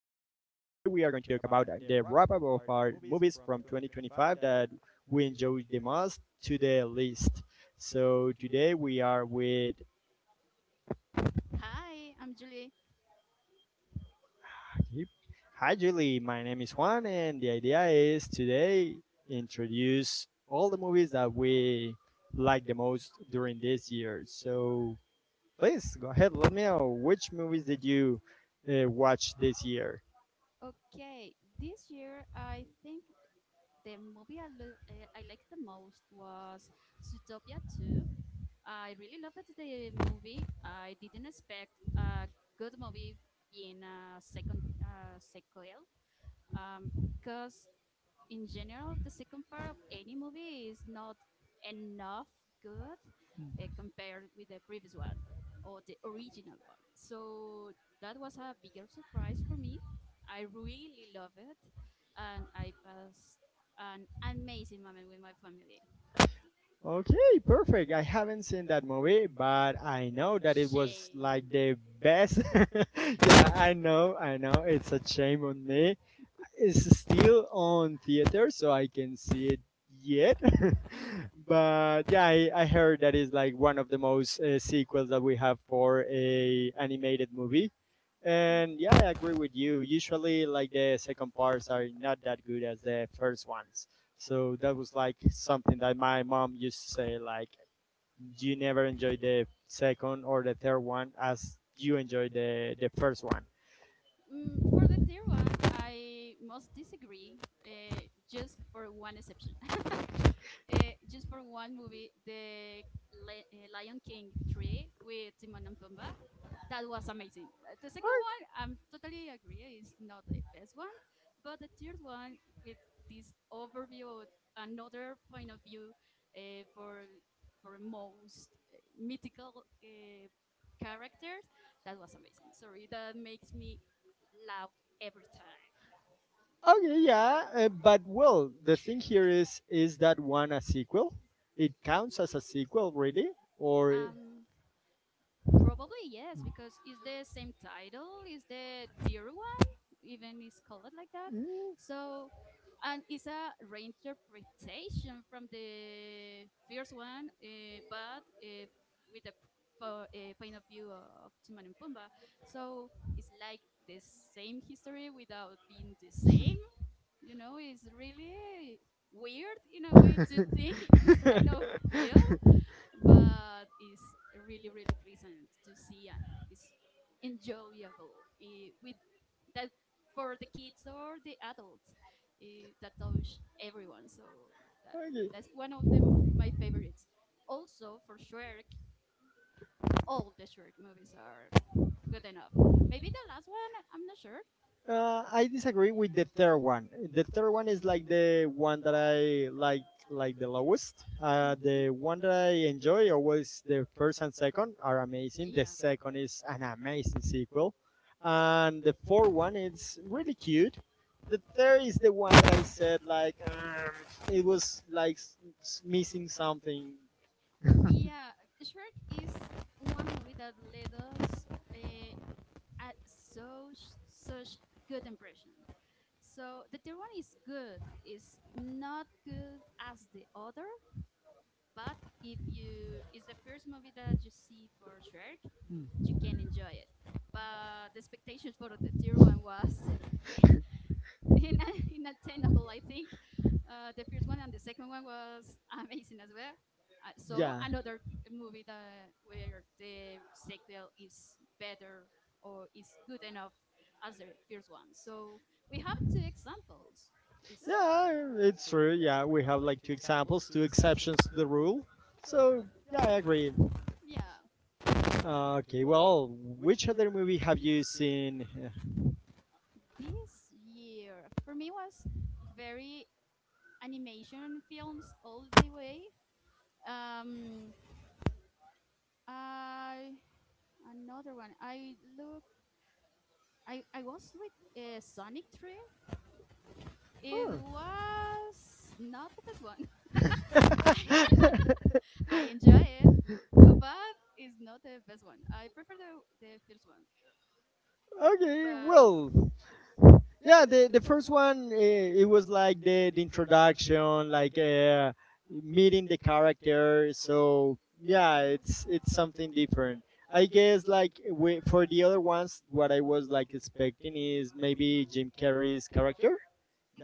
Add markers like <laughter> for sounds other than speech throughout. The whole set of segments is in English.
are going to talk about the wrap up of our movies from 2025 that we enjoyed the most to the list. So today we are with. Hi, I'm Julie. Hi, Julie. My name is Juan, and the idea is today introduce all the movies that we like the most during this year. So please go ahead. Let me know which movies did you watch this year. Okay, this year I think the movie I liked the most was Zootopia 2. I really loved the movie. I didn't expect a good movie being a second sequel because in general, the second part of any movie is not enough good compared with the previous one or the original one. So that was a bigger surprise for me. I really love it, and I passed an amazing moment with my family. Okay, perfect. I haven't seen that movie, but I know that it was like Shame. the best. <laughs> Yeah, I know, I know. It's a shame on me. It's still on theater, so I can see it yet. <laughs> But yeah, I heard that is like one of the most sequels that we have for a animated movie. And yeah, I agree with you. Usually, like the second parts are not that good as the first ones. So that was like something that my mom used to say, like you never enjoy the second or the third one as you enjoy the first one. Mm, for the third one, I must disagree, just for one exception. Just for one movie, the Lion King 3 with Timon and Pumbaa. That was amazing. The second one, I'm totally agree, is not the best one, but the third one with this overview, another point of view uh, for for most mythical uh, characters, that was amazing. Sorry, that makes me laugh every time. Okay, yeah, but well, the thing here is that one a sequel? It counts as a sequel, really? Or Um, Probably yes, because it's the same title, it's the tier one, even it's called like that. So, and it's a reinterpretation from the first one, but with a point of view of Timon and Pumbaa. So it's like the same history without being the same. You know, it's really weird in a way to think in this <laughs> kind of film, okay. but it's really really pleasant to see, and it's enjoyable with that for the kids or the adults, that touch everyone. So that, that's one of them my favorites. Also for Shrek, all the Shrek movies are good enough. Maybe the last one I'm not sure. I disagree with the third one. The third one is like the one that I like the lowest. Mhm. The one that I enjoy always the first and second are amazing. The Yeah. second is an amazing sequel, and the fourth one is really cute. The third is the one that I said like it was like missing something. Yeah, Shrek is one movie that led us uh, at such good impression. So the third one is good, is not good as the other, but if you it's the first movie that you see for Shrek, Mm. you can enjoy it. But the expectations for the third one was <laughs> in inattainable, I think. The first one and the second one was amazing as well. Yeah, So another movie that where the sequel is better or is good enough as the first one. So we have two examples. Is yeah, it's true. Yeah, we have like two examples, two exceptions to the rule. So yeah, I agree. yeah, Ah, okay, well, which other movie have you seen? this year for me was very animation films all the way. Um, I another one. I look. I was with Sonic 3. It Oh. was not the best one. <laughs> I, <laughs> I enjoy it, but it's not the best one. I prefer the first one. Okay, But well, yeah, the first one it was like the introduction, like meeting the character. So yeah, it's something different. I guess like for the other ones, what I was like expecting is maybe Jim Carrey's character.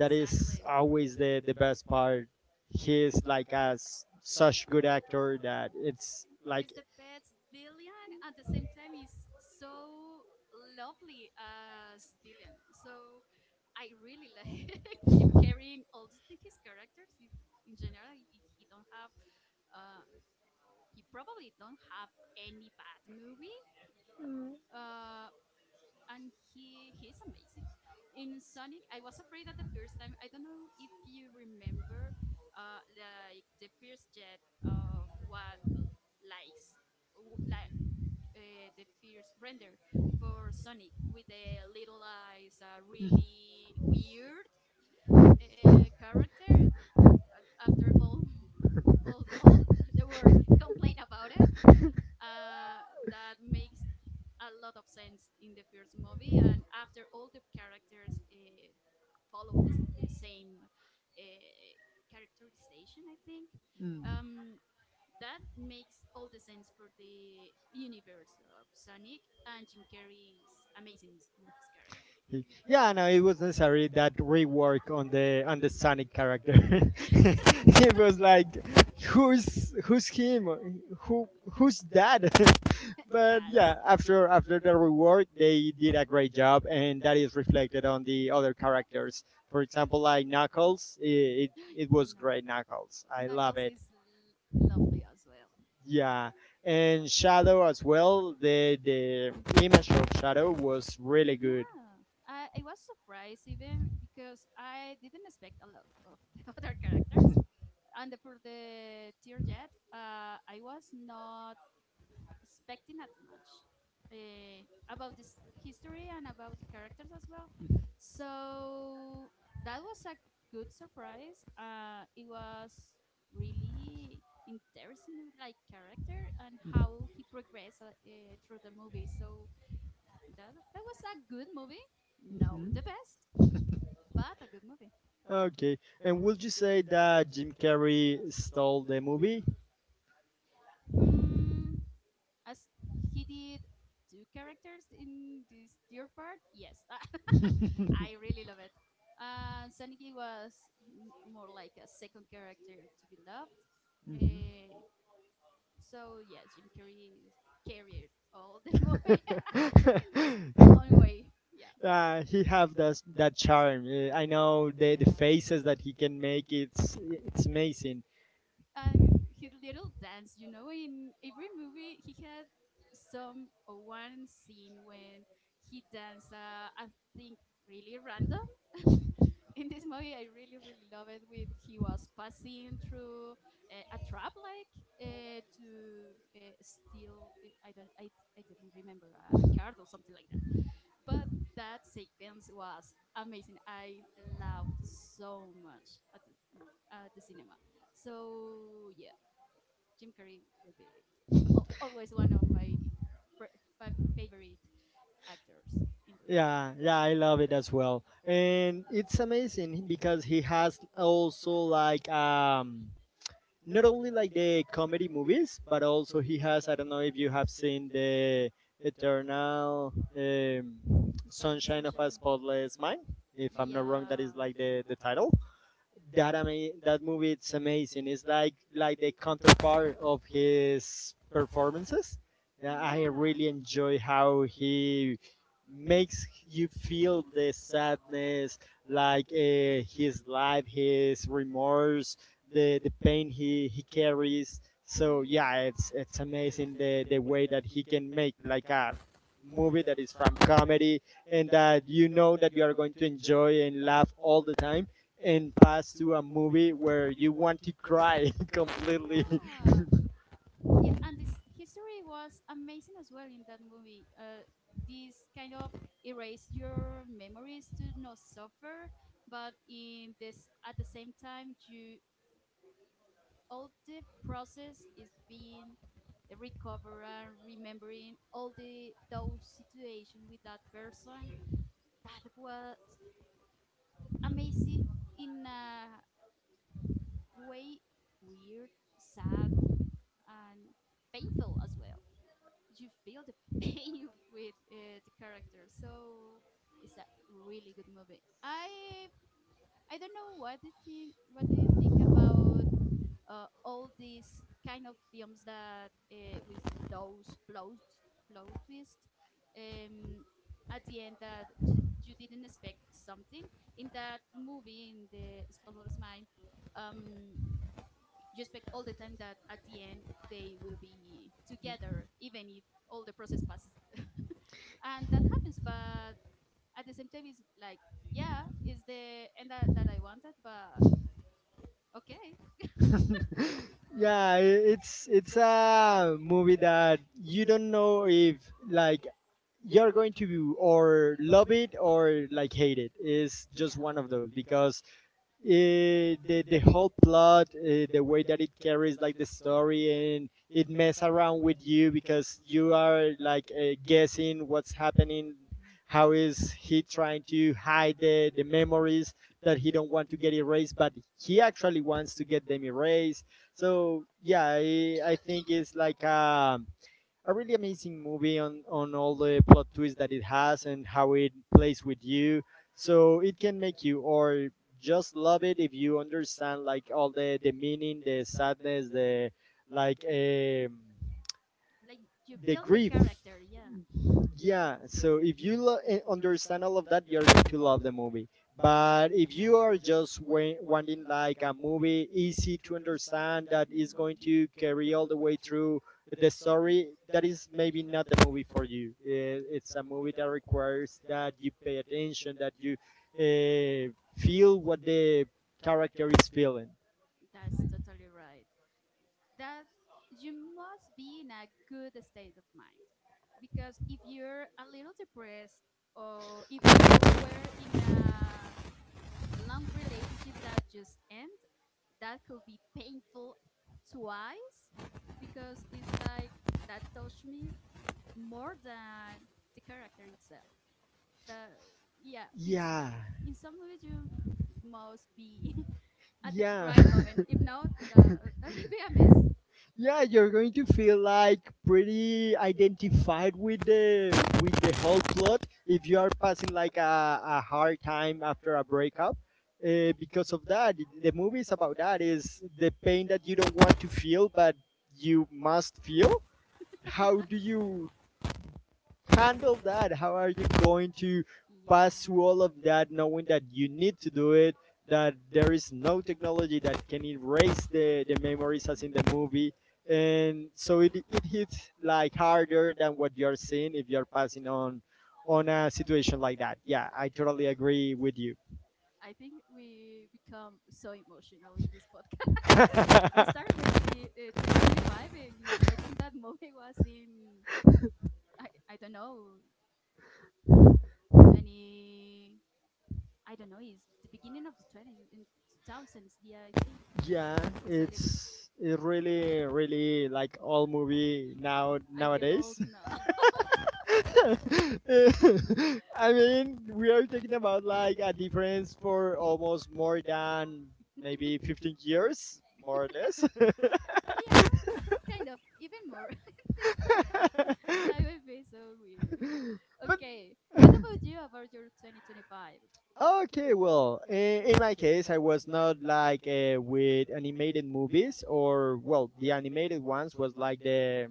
That is always the best part. He's like as such good actor that it's like it's the best villain at the same time. It's so lovely as villain. So I really like <laughs> Jim Carrey in all the- his characters. In general, he don't have, uh, he probably don't have any bad movie. Uh, and he's amazing. In Sonic, I was afraid at the first time. I don't know if you remember, like the first jet of what likes, w- like the first render for Sonic with the little eyes, really weird character after all, <laughs> all <laughs> the were complain about it. Uh, that makes a lot of sense in the first movie, and after all the characters follow the same uh, characterization, I think. mm. Um, that makes all the sense for the universe of Sonic, and Jim Carrey is amazing in his character. Yeah, no, it was necessary that rework on the Sonic character. <laughs> It was like, who's who's him? Who who's that? That's <laughs> But yeah, after the rework, they did a great job, and that is reflected on the other characters. For example, like Knuckles, it <gasps> was Knuck- great Knuckles. I love Knuckles it. is lovely as well. Yeah. And Shadow as well. The image of Shadow was really good. Yeah, I was surprised even because I didn't expect a lot of <laughs> the other characters. And for the Tearjet, I was not expecting that much about this history and about the characters as well. So that was a good surprise. It was really interesting with like character and how he progressed through the movie. So that was a good movie. No, the best, but a good movie. Okay. And would you say that Jim Carrey stole the movie? Mm, as he did two characters in this third part, yes. <laughs> <laughs> I really love it. And Saniki was more like a second character to be loved. Eh, so yeah, carried all the <laughs> movie in his own way. Yeah, he have that charm. I know the yeah. faces that he can make. It's amazing. And his little dance, you know, in every movie he had some one scene when he danced. I think really random. In this movie I really really love it with he was passing through a trap like to steal I don't I didn't remember a card or something like that, but that sequence was amazing. I loved so much at at the cinema. So yeah, Jim Carrey will be always one of my pre- favorite actors in the life. Yeah, yeah, I love it as well, and it's amazing because he has also like not only like the comedy movies, but also he has. I don't know if you have seen the Eternal um, Thomas Sunshine of a Sunshine. Spotless Mind. If I'm not wrong, that Yeah. is like the title that movie it's amazing. It's like the counterpart of his performances. Yeah, I really enjoy <laughs> how he makes you feel the sadness, like his life, his remorse, the pain he carries. So yeah, it's amazing the way that he can make like a movie that is from comedy and that you know that you are going to enjoy and laugh all the time like uh, and pass to a movie where you want to cry <laughs> <laughs> completely. yeah, and this history was amazing as well in that movie. This kind of erase your memories to not suffer, but in this at the same time you all the process is being recovered and remembering all the those situations with that person. That was amazing in a way weird, sad and painful as well. You feel the <laughs> pain with the character. So it's a really good movie. I don't know what do you think. What do you think about all these kind of films that with those plot twist um, at the end that you didn't expect something in that movie in the Spotless Mind. Um, you expect all the time that at the end they will be together, even if all the process passes, and that happens but at the same time it's like yeah is the end that I wanted, but okay. <laughs> Yeah, it's a movie that you don't know if like you're going to or love it or like hate it. It's just Yeah. one of those because the whole plot, the way that it carries like the story, and it mess around with you because you are like guessing what's happening. How is he trying to hide the memories that he don't want to get erased, but he actually wants to get them erased. So yeah, I think it's like a really amazing movie on all Mhm. the Mhm. plot twists that it has and how it plays with you. So it can make you or just love it if you understand like all the meaning, the sadness, the like um, Like you the feel the grief. character, yeah. Yeah, so if you understand all of that, you're going to love the movie. But if you are just wanting like a movie easy to understand that is going Hmm, to carry all the way through the story, that is maybe not the movie for you. It's a movie that requires that you pay attention, that you uh, feel what the character is feeling. that's totally right, that you must be in a good state of mind because if you're a little depressed or if you were in a long relationship that just end, that could be painful twice because it's like that touched me more than the character itself. The Yeah, it's Yeah, in some ways you must be <laughs> at the yeah. right <laughs> moment. If not, that will be a mess. Yeah, you're going to feel like pretty identified with the whole plot if you are passing like a hard time after a breakup because of that the movie is about that is the pain that you don't want to feel but you must feel. How do you handle that? How are you going to pass through Yeah. all of that knowing that you need to do it? That there is no technology that can erase the memories as Mhm. in the movie. And so it hits like harder than what you're seeing if you're passing on a situation like that. Yeah, I totally agree with you. I think we become so emotional in this podcast. <laughs> We <laughs> started with 2025, and I think that movie was in, I don't know, 20, I don't know, it's the beginning of the 20s, in 2000s. Yeah, I think. Yeah, It's a little, it's it really really like all movie now I feel nowadays. old now. <laughs> <laughs> I mean, we are talking about like a difference for almost more than maybe 15 years, more or less. Yeah, kind of, even more. <laughs> I think that would be so weird. <laughs> Okay, what about you about your 2025? Okay, well, in my case, I was not like with animated movies or well, the animated ones was like the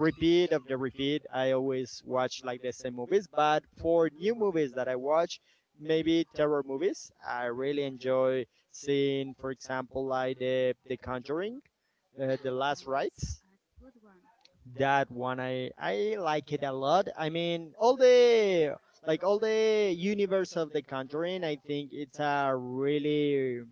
repeat of the repeat. I always watch like the same movies, but for new movies that I watch, maybe terror movies, I really Mhm. enjoy seeing, for example, like the Conjuring, The That Last was Rites. a good one. That one I like it a lot. I mean all the like all the universe of the Conjuring. I think it's a really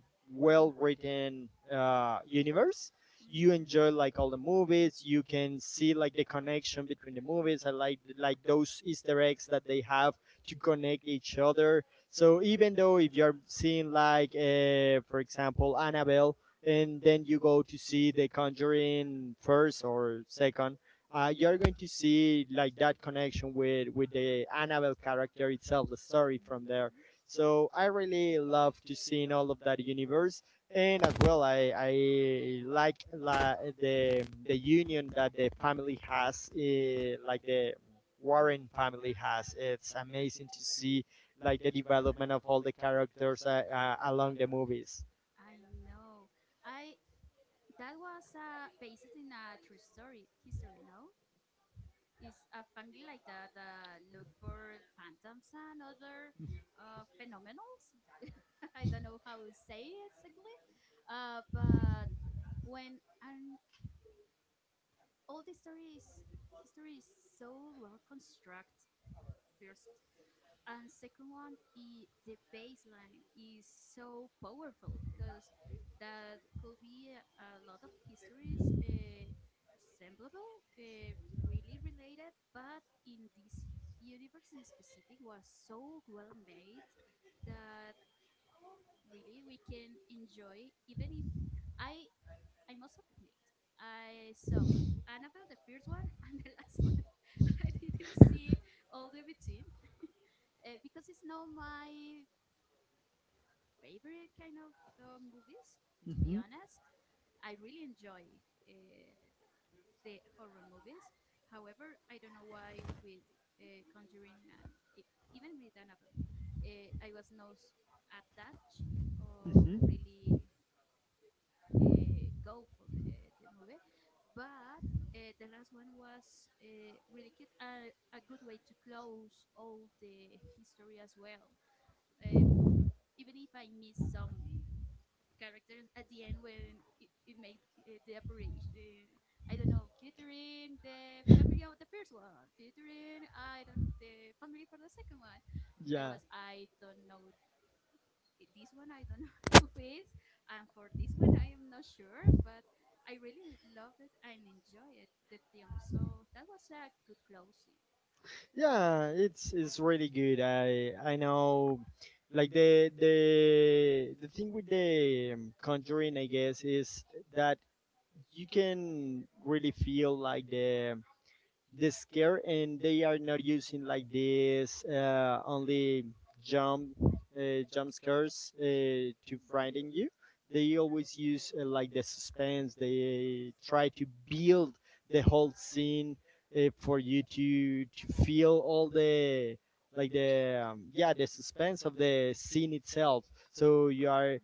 well written universe. You enjoy like all the movies. You can see like the connection between the movies. I like those easter eggs that they have to connect each other. So even though if you're seeing like for example Annabelle and then you go to see the Conjuring first or second, you're going to see like that connection with the Annabelle character itself, the story from there. Hmm. So I really love to see in all of that universe, and as well I like la, the union that the family has, like the Warren family has. It's amazing to see like the development of all the characters along the movies. I know. I that was based in a true story. History, no? It's a family like that that look for phantoms and other phenomenals. <laughs> I don't know how to say it exactly, but when and all the story is history is so well constructed. First and second one, I the bass line is so powerful because that could be a lot of histories semblable, really related, but in this universe in specific was so well made that really we can enjoy. Even if i I must admit I saw Annabelle the first one <laughs> and the last one. <laughs> I didn't see all the between because it's not my favorite kind of movies. To Mm-hmm, be honest, I really enjoy uh, the horror movies. However, I don't know why with Conjuring and even with Annabelle, I was not attached or mm-hmm. really go for the movie. But the last one was really cute and a good way to close all the history as well. Um, even if I miss some characters at the end when it makes the operation. I don't know, featuring the family of the first one, featuring I don't the family for the second one. Yeah. I was I don't know this one. I don't know <laughs> who is, and for this one I am not sure, but. I really love it and enjoy it, the film. So that was a good closing. Yeah, it's really good. I know, like the the thing with the Conjuring, I guess, is that you can really feel like the scare and they are not using like this only jump scares to Mm-hmm. frighten you. They always use like the suspense. They try to build the whole scene for you to feel all the yeah the suspense of the scene itself. So you are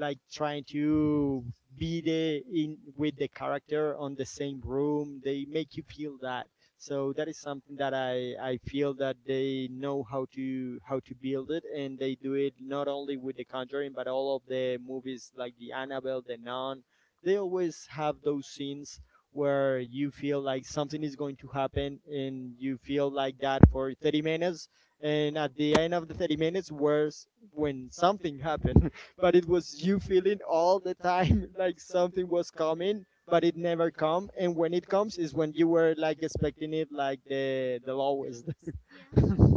like trying to be the in with the character on the same room. They make you feel that. So that is something that I feel that they know how to build it, and they do it not only with the Conjuring but all of the movies like the Annabelle, the Nun. They always have those scenes where you feel like something is going to happen, and you feel like that for 30 minutes, and at the end of the 30 minutes where's when something Yeah. happened. But it was you feeling all the time <laughs> like something was coming but it never come, and when it comes is when you were like expecting it like the lowest. Those. <laughs> Yeah. <laughs>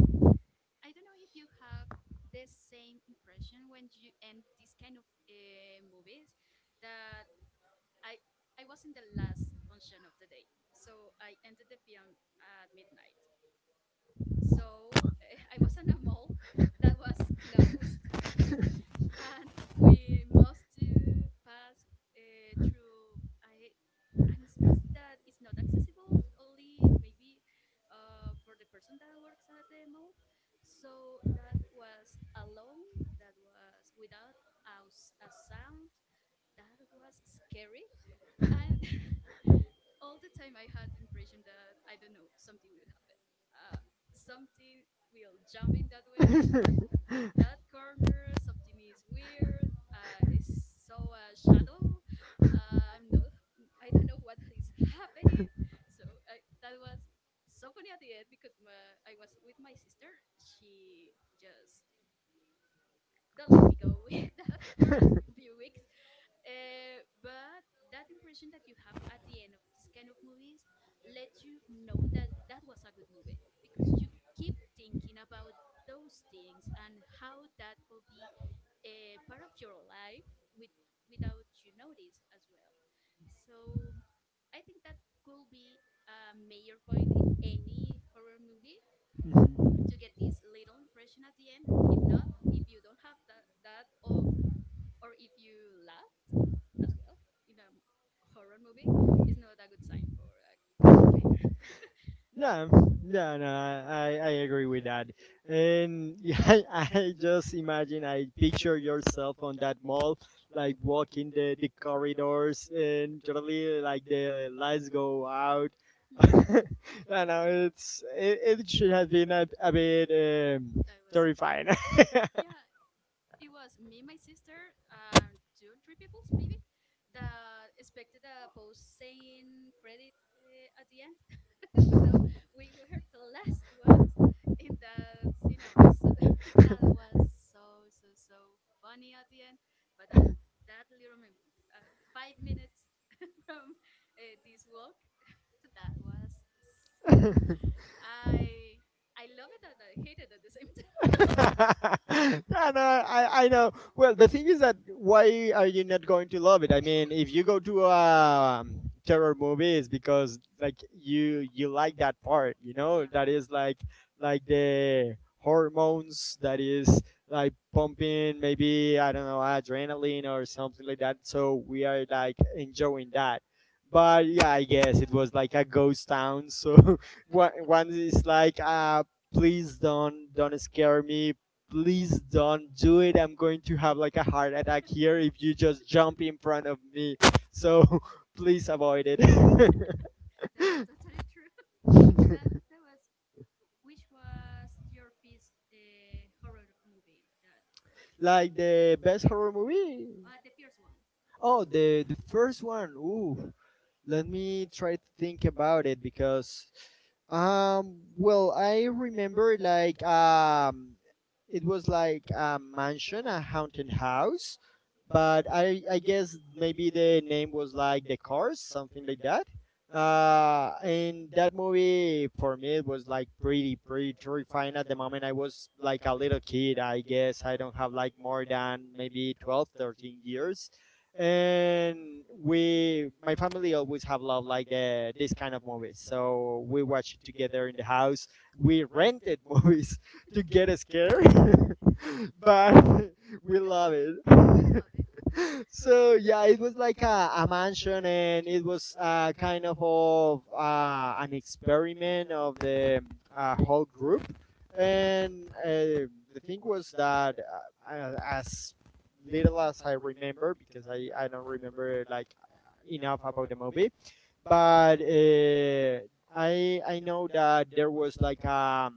I don't know if you have the same impression when you end this kind of movies that I I was in the last function of the day. So I ended the film at midnight. So <laughs> I was in a mall that was closed, and we must pass through a, an space that is not accessible only maybe for the person that works at the mall. So that was alone, that was without a sound, that was scary. And <laughs> all the time I had the impression that, I don't know, something will happen. Uh, Something will jump in that way, in that corner something is weird, I saw a shadow. uh, i'm not I don't know what is happening. That was so funny at the end because I was with my sister, she just don't let me go <laughs> with that for a few weeks. But that impression that you have at the end of this kind of movies lets you know that that was a good movie, because you keep thinking about those things and how that could be a part of your life with, without you notice as well. So I think that could be a major point in any horror movie to get this little impression at the end. If not, if you don't have that, that of, or if you laugh as well in a horror movie, it's not a good sign for a good movie. <laughs> Yeah, yeah, no, I agree with that. And <laughs> yeah, I just imagine I picture yourself on that mall, like walking the corridors and totally like the lights go out. <laughs> Hmm, I know it, it should have been a bit that was so. terrifying. <laughs> Yeah, it was me, my sister, and two, three people maybe that expected a post saying credit at the end. <laughs> So we were the last ones in the cinema. So <laughs> that was so so so funny at the end. But that little moment, 5 minutes <laughs> from this walk, <laughs> that was s- I I love it and I hate it at the same time. <laughs> <laughs> Yeah, no, I know. Well, the thing is that why are you not going to love it? I mean, if you go to a terror movie, it's because like you like that part, you Yeah, know, that is like the hormones that is like pumping, maybe I don't know, adrenaline or something like that. So we are like enjoying that. But yeah, I guess it was like a ghost town. So <laughs> one is like a please don't scare me, please don't do it. I'm going to have like a heart attack here if you just jump in front of me, so <laughs> please avoid it. <laughs> that's totally true. <laughs> that that was Which was your first horror movie that Like the best horror movie. The first one. Oh, the first one, ooh, let me try to think about it, because um well, I remember like it was like a mansion, a haunted house, but I guess maybe the name was like the Cars, something like that. And that movie for me it was like pretty terrifying at the moment. I was like a little kid. I guess I don't have like more than maybe 12, 13 years. And we, my family always have loved like the this kind of movies. So we watch it together in the house. We rented <laughs> movies to get scared, <laughs> but <laughs> we Good love hobby. it. Good <laughs> hobby. So yeah, it was like a mansion, and it was kind of an experiment of the whole group, and uh, the thing was that as little as I remember, because I don't remember like enough about the movie, but I know that there was like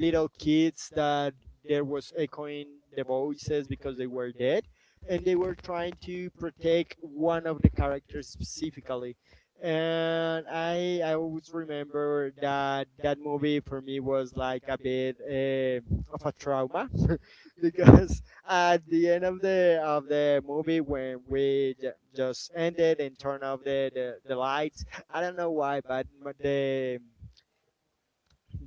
little kids that there was echoing the voices because they were dead, and they were trying to protect one of the characters specifically. And I always remember that that movie for me was like a bit Mhm. Of a trauma <laughs> because at the end of the movie, when we just ended and turned off the lights, I don't know why, but m- the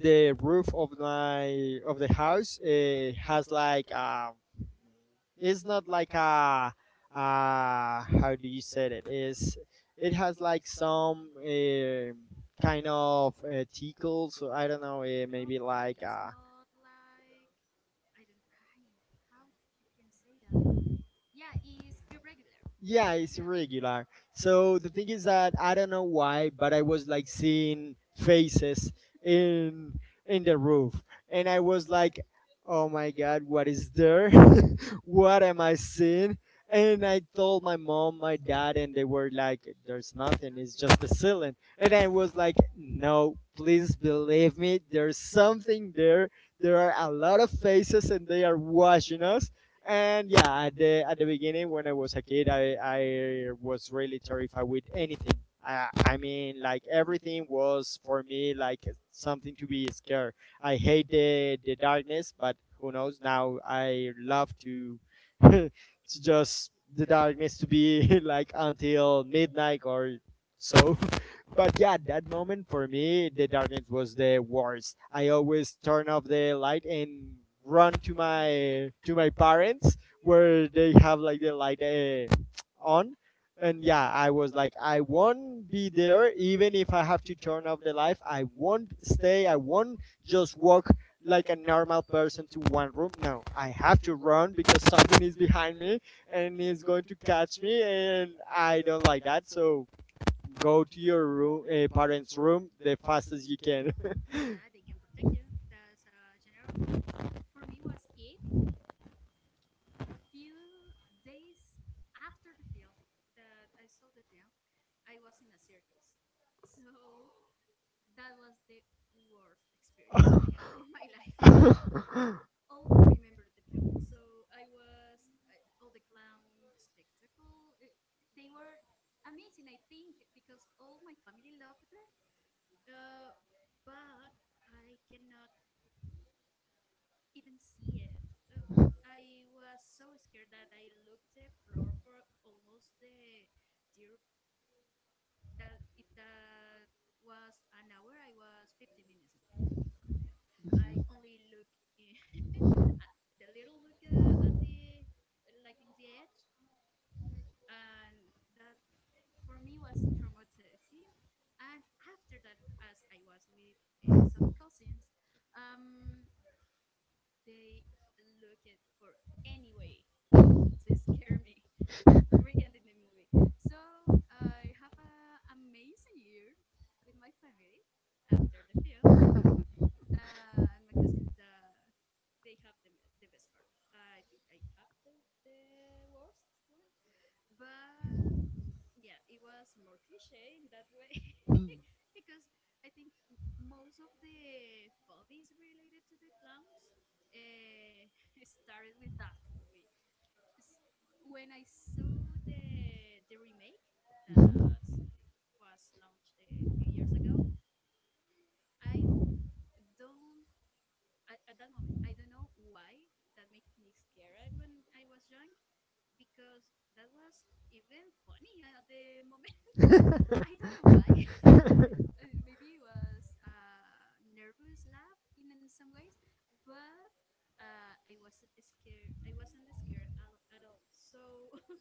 the roof of my of the house has like it's not like a how do you say, it is, it has like some kind of tickle, so I don't know, maybe Okay, like it's not like I don't I, how you can say that? Yeah, it's irregular. yeah, it's Yeah. Nothing. irregular. So the thing is that I don't know why, but I was like seeing faces in in the roof, and I was like, oh my god, what is there, what am I seeing? And I told my mom, my dad, and they were like, there's nothing, it's just the ceiling. And I was like, no, please believe me, there's something there. There are a lot of faces and they are watching us. And yeah, at the beginning, when I was a kid, I was really terrified with anything. I mean, like everything was for me like something to be scared. I hate the darkness, but who knows, now I love to <laughs> to just the darkness, to be <laughs> like until midnight or so. <laughs> But yeah, that moment for me the darkness was the worst. I always turn off the light and run to my parents, where they have like the light on. And yeah, I was like, I won't be there. Even if I have to turn off the light, I won't stay, I won't just walk like a normal person to one room. No, I have to run, because something is behind me and is going to catch me, and I don't like that. So go to your room, parents' room, the fastest you can. Yeah, they can protect you. That's a general rule. For me was it few days after the film that I saw the film, I was in a circus. So that was the worst experience that I had in my life. <laughs> All remember the film. So all the clown spectacle. They were amazing, I think, because all my family loved it. Uh, but I cannot even see it. Uh, I was so scared that I looked the floor for almost the dear that if that was an hour, I was 50 minutes looking at the floor. Yeah, I only look in, <laughs> at the little look at the like in the edge, and that for me was traumatizing. And after that, as I was with some cousins, um, they looked for anyway to scare me <laughs> regarding the movie. So I have an amazing year with my family after the film, and my cousins that they have the best part. I think I have the worst one, but yeah, it was more cliche in that way <laughs> because I think most of the phobies related to the clowns uh, <laughs> started with that movie s- when I saw the remake that was launched a few years ago. I don't At that moment I don't know why that made me scared when I was young, because that was even funny at the moment. <laughs> I don't know why. <laughs> Maybe it was a nervous laugh in some ways, but I wasn't scared. I wasn't scared at all. So <laughs>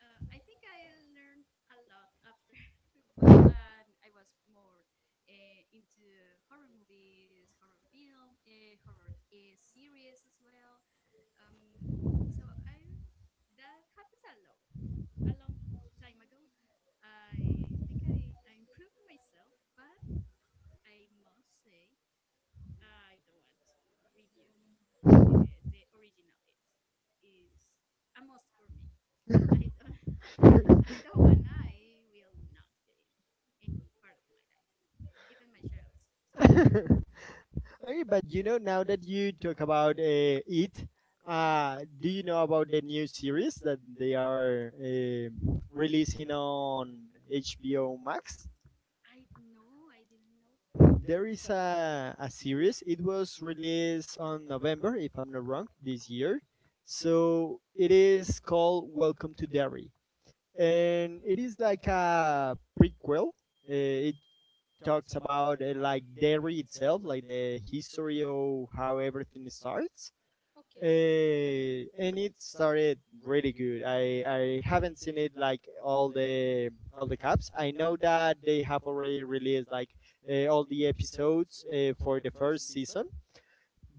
I think I learned a lot after, <laughs> but I was more into horror movies, horror film, horror series as well. So I that happens a lot, a long time ago. I think I improved myself, but I must say I don't want to review the original. It is a must for me. I don't, <laughs> I don't want I will not get in any part of my life, even my child's. So no. <laughs> Hey, but you know, now that you talk about it, do you know about the new series that they are releasing on HBO Max? <laughs> I No, I didn't know. There is a series. It was released on November, if I'm not wrong, this year. So it is called Welcome to Derry, and it is like a prequel. It talks about like Derry itself, like the history of how everything starts. Okay. Okay. And it started really good. I haven't seen it like all the caps. I know that they have already released like all the episodes for the first season,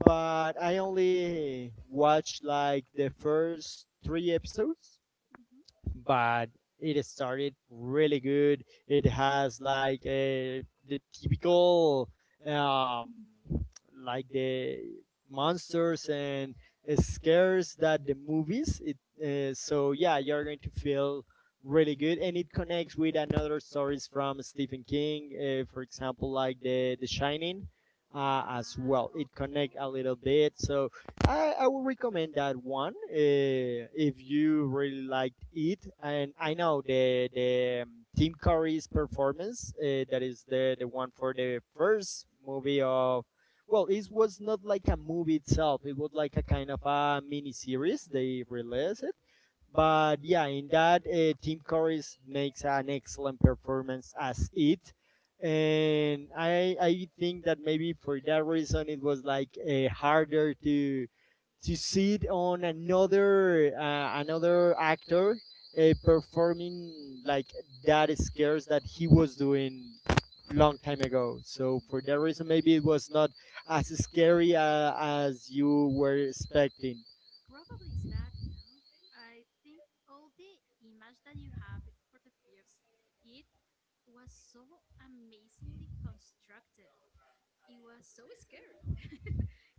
but I only watched like the first three episodes. Mhm. But it started really good. It has like the typical um like the monsters and scares that the movies. It so yeah, you're going to feel really good, and it connects with another stories from Stephen King, for example, like the Shining. As well, it connects a little bit, so I would recommend that one if you really liked it. And I know the Tim Curry's performance that is the one for the first movie of, well, it was not like a movie itself. It was like a kind of a mini series. They released it, but yeah, in that Tim Curry makes an excellent performance as it, and I think that maybe for that reason it was like harder to sit on another another actor performing like that scares that he was doing long time ago. So for that reason maybe it was not as scary as you were expecting. Probably is that. I think all the image that you have for the fears, it was so amazingly constructed. It was so scary. <laughs>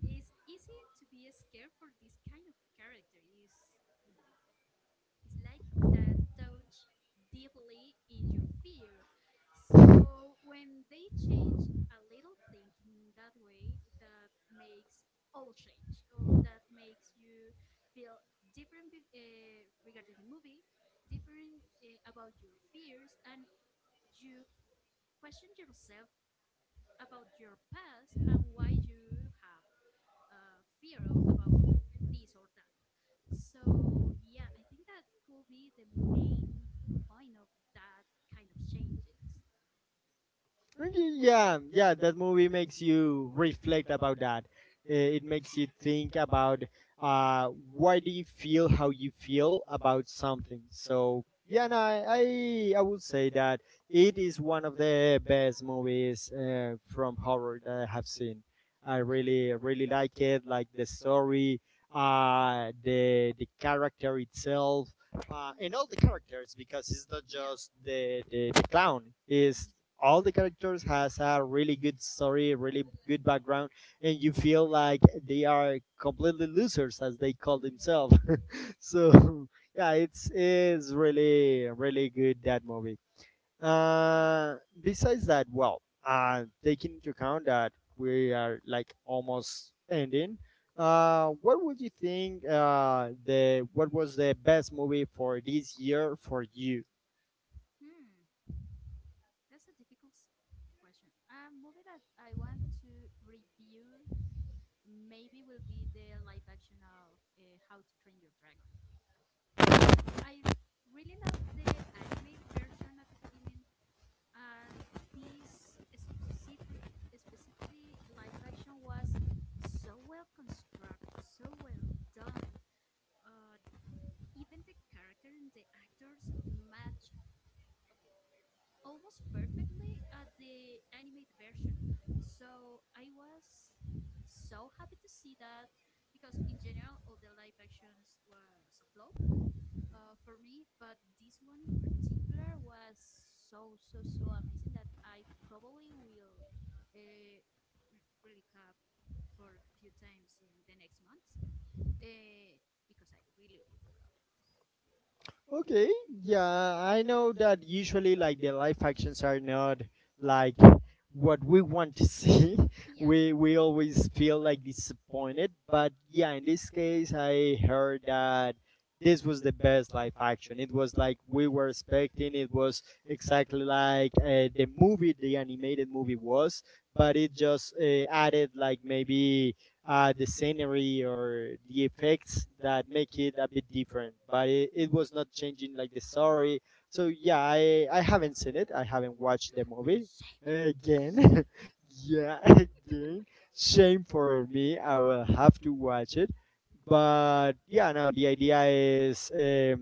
It's easy to be scared for this kind of character. Is It's like that touch deeply in your fear. So when they change a little thing in that way, that makes all change, or that makes you feel different regarding the movie, different about your fears, and you question yourself about your past and why you have fear of, about this or that. So yeah, I think that could be the main point of that kind of changes. Mm, yeah, yeah, that movie makes you reflect about that. Eh, it makes you think about uh, why do you feel how you feel about something. So yeah, no, I would say that it is one of the best movies from horror that I have seen. I Yeah. Mm. really really like it, like the story, the character itself, and all the characters, because it's not Yeah. just Mm. the clown. It's all the characters has a really good story, really good background, and you feel like they are completely losers as they call Mhm. themselves. <laughs> So <laughs> yeah, it's is really really good that movie. Uh, Besides that, well, taking into account that we are like almost ending. What would you think, the what was the best movie for this year for you? Hmm. That's a difficult question. A movie that I want to review maybe will be the live action of How to Train Your Dragon. I really love the animated version at the beginning, and this specific, specifically live action was so well constructed, so well done. Uh, Even the character and the actors match almost perfectly at the animated version. So I was so happy to see that because in general all the live actions was a flop for me, but this one in particular was so so so amazing that I probably will uh, recap for a few times in the next months uh, because I really really love it. Okay, yeah, I know that usually like the live actions are not like what we want to see. Yeah. <laughs> We always Hmm. feel like disappointed, but yeah, in this case I heard that this was the best live action. It was like we were expecting. It was exactly like the movie, the animated movie was, but it just added like maybe the scenery or the effects that make it a bit different, but it was not changing like the story. So yeah, I haven't seen it, I haven't watched the <gasps> movie Shame. again. Shame. <laughs> Yeah, <laughs> again, shame for me, I will have to watch it. But yeah, no, the idea is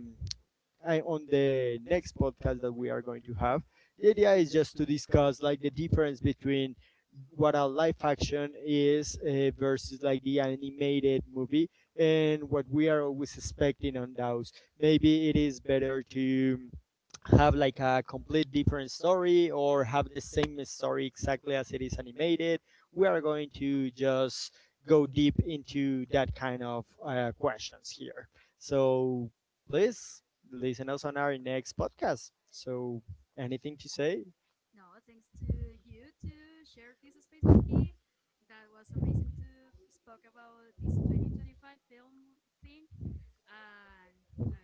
on the next podcast that we are going to have, the idea is just to discuss like the difference between what a live action is versus like the animated movie, and what we are always expecting on those. Maybe it is better to have like a complete different story, or have the same story exactly as it is animated. We are going to just go deep into that kind of questions here. So please listen us on our next podcast. So, anything to say? No, thanks to you to share this space with me. That was amazing to spoke about this 2025 film thing, and I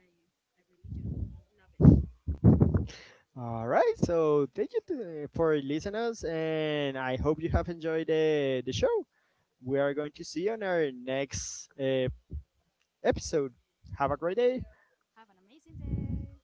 I really just love it. All right, so thank you to, eh, for listening us, and I hope you have enjoyed the show. We are going to see you on our next episode. Have a great day. Have an amazing day.